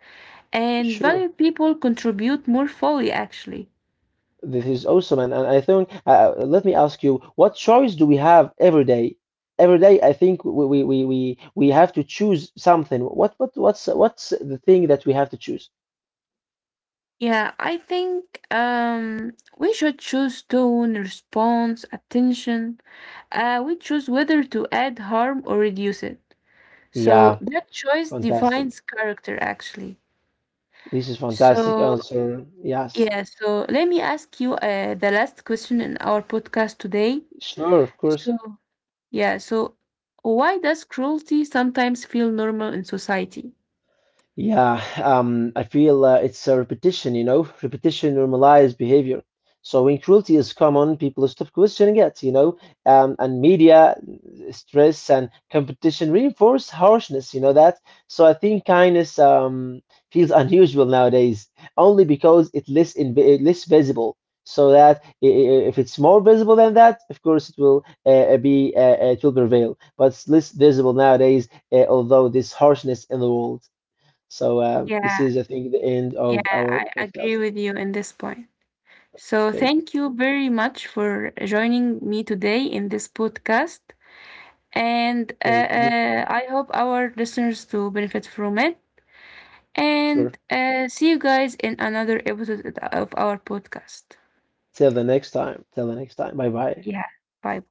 and
Sure.
valued people contribute more fully actually.
This is awesome, and I think let me ask you, what choice do we have every day? Every day, I think we have to choose something. What's the thing that we have to choose?
Yeah, I think um, we should choose tone, response, attention. We choose whether to add harm or reduce it. So
Yeah,
that choice
fantastic.
defines character actually.
This is fantastic
So
answer. Yes,
yeah, so let me ask you the last question in our podcast today.
sure, of course.
So, yeah, so why does cruelty sometimes feel normal in society?
Yeah, I feel it's a repetition, you know, repetition normalized behavior. So when cruelty is common, people stop questioning it, you know, and media, stress, and competition reinforce harshness, you know that. So I think kindness feels unusual nowadays, only because it's less inv less visible. So that if it's more visible than that, of course it will be it will prevail. But it's less visible nowadays, although this harshness in the world. So this
Yeah,
is, I think, the end of
yeah, I
our podcast.
agree with you in this point. So,
Thank you.
thank you very much for joining me today in this podcast. And
Thank you.
I hope our listeners to benefit from it. And
Sure.
see you guys in another episode of our podcast.
Till the next time. Till the next time. Bye bye.
Yeah, bye.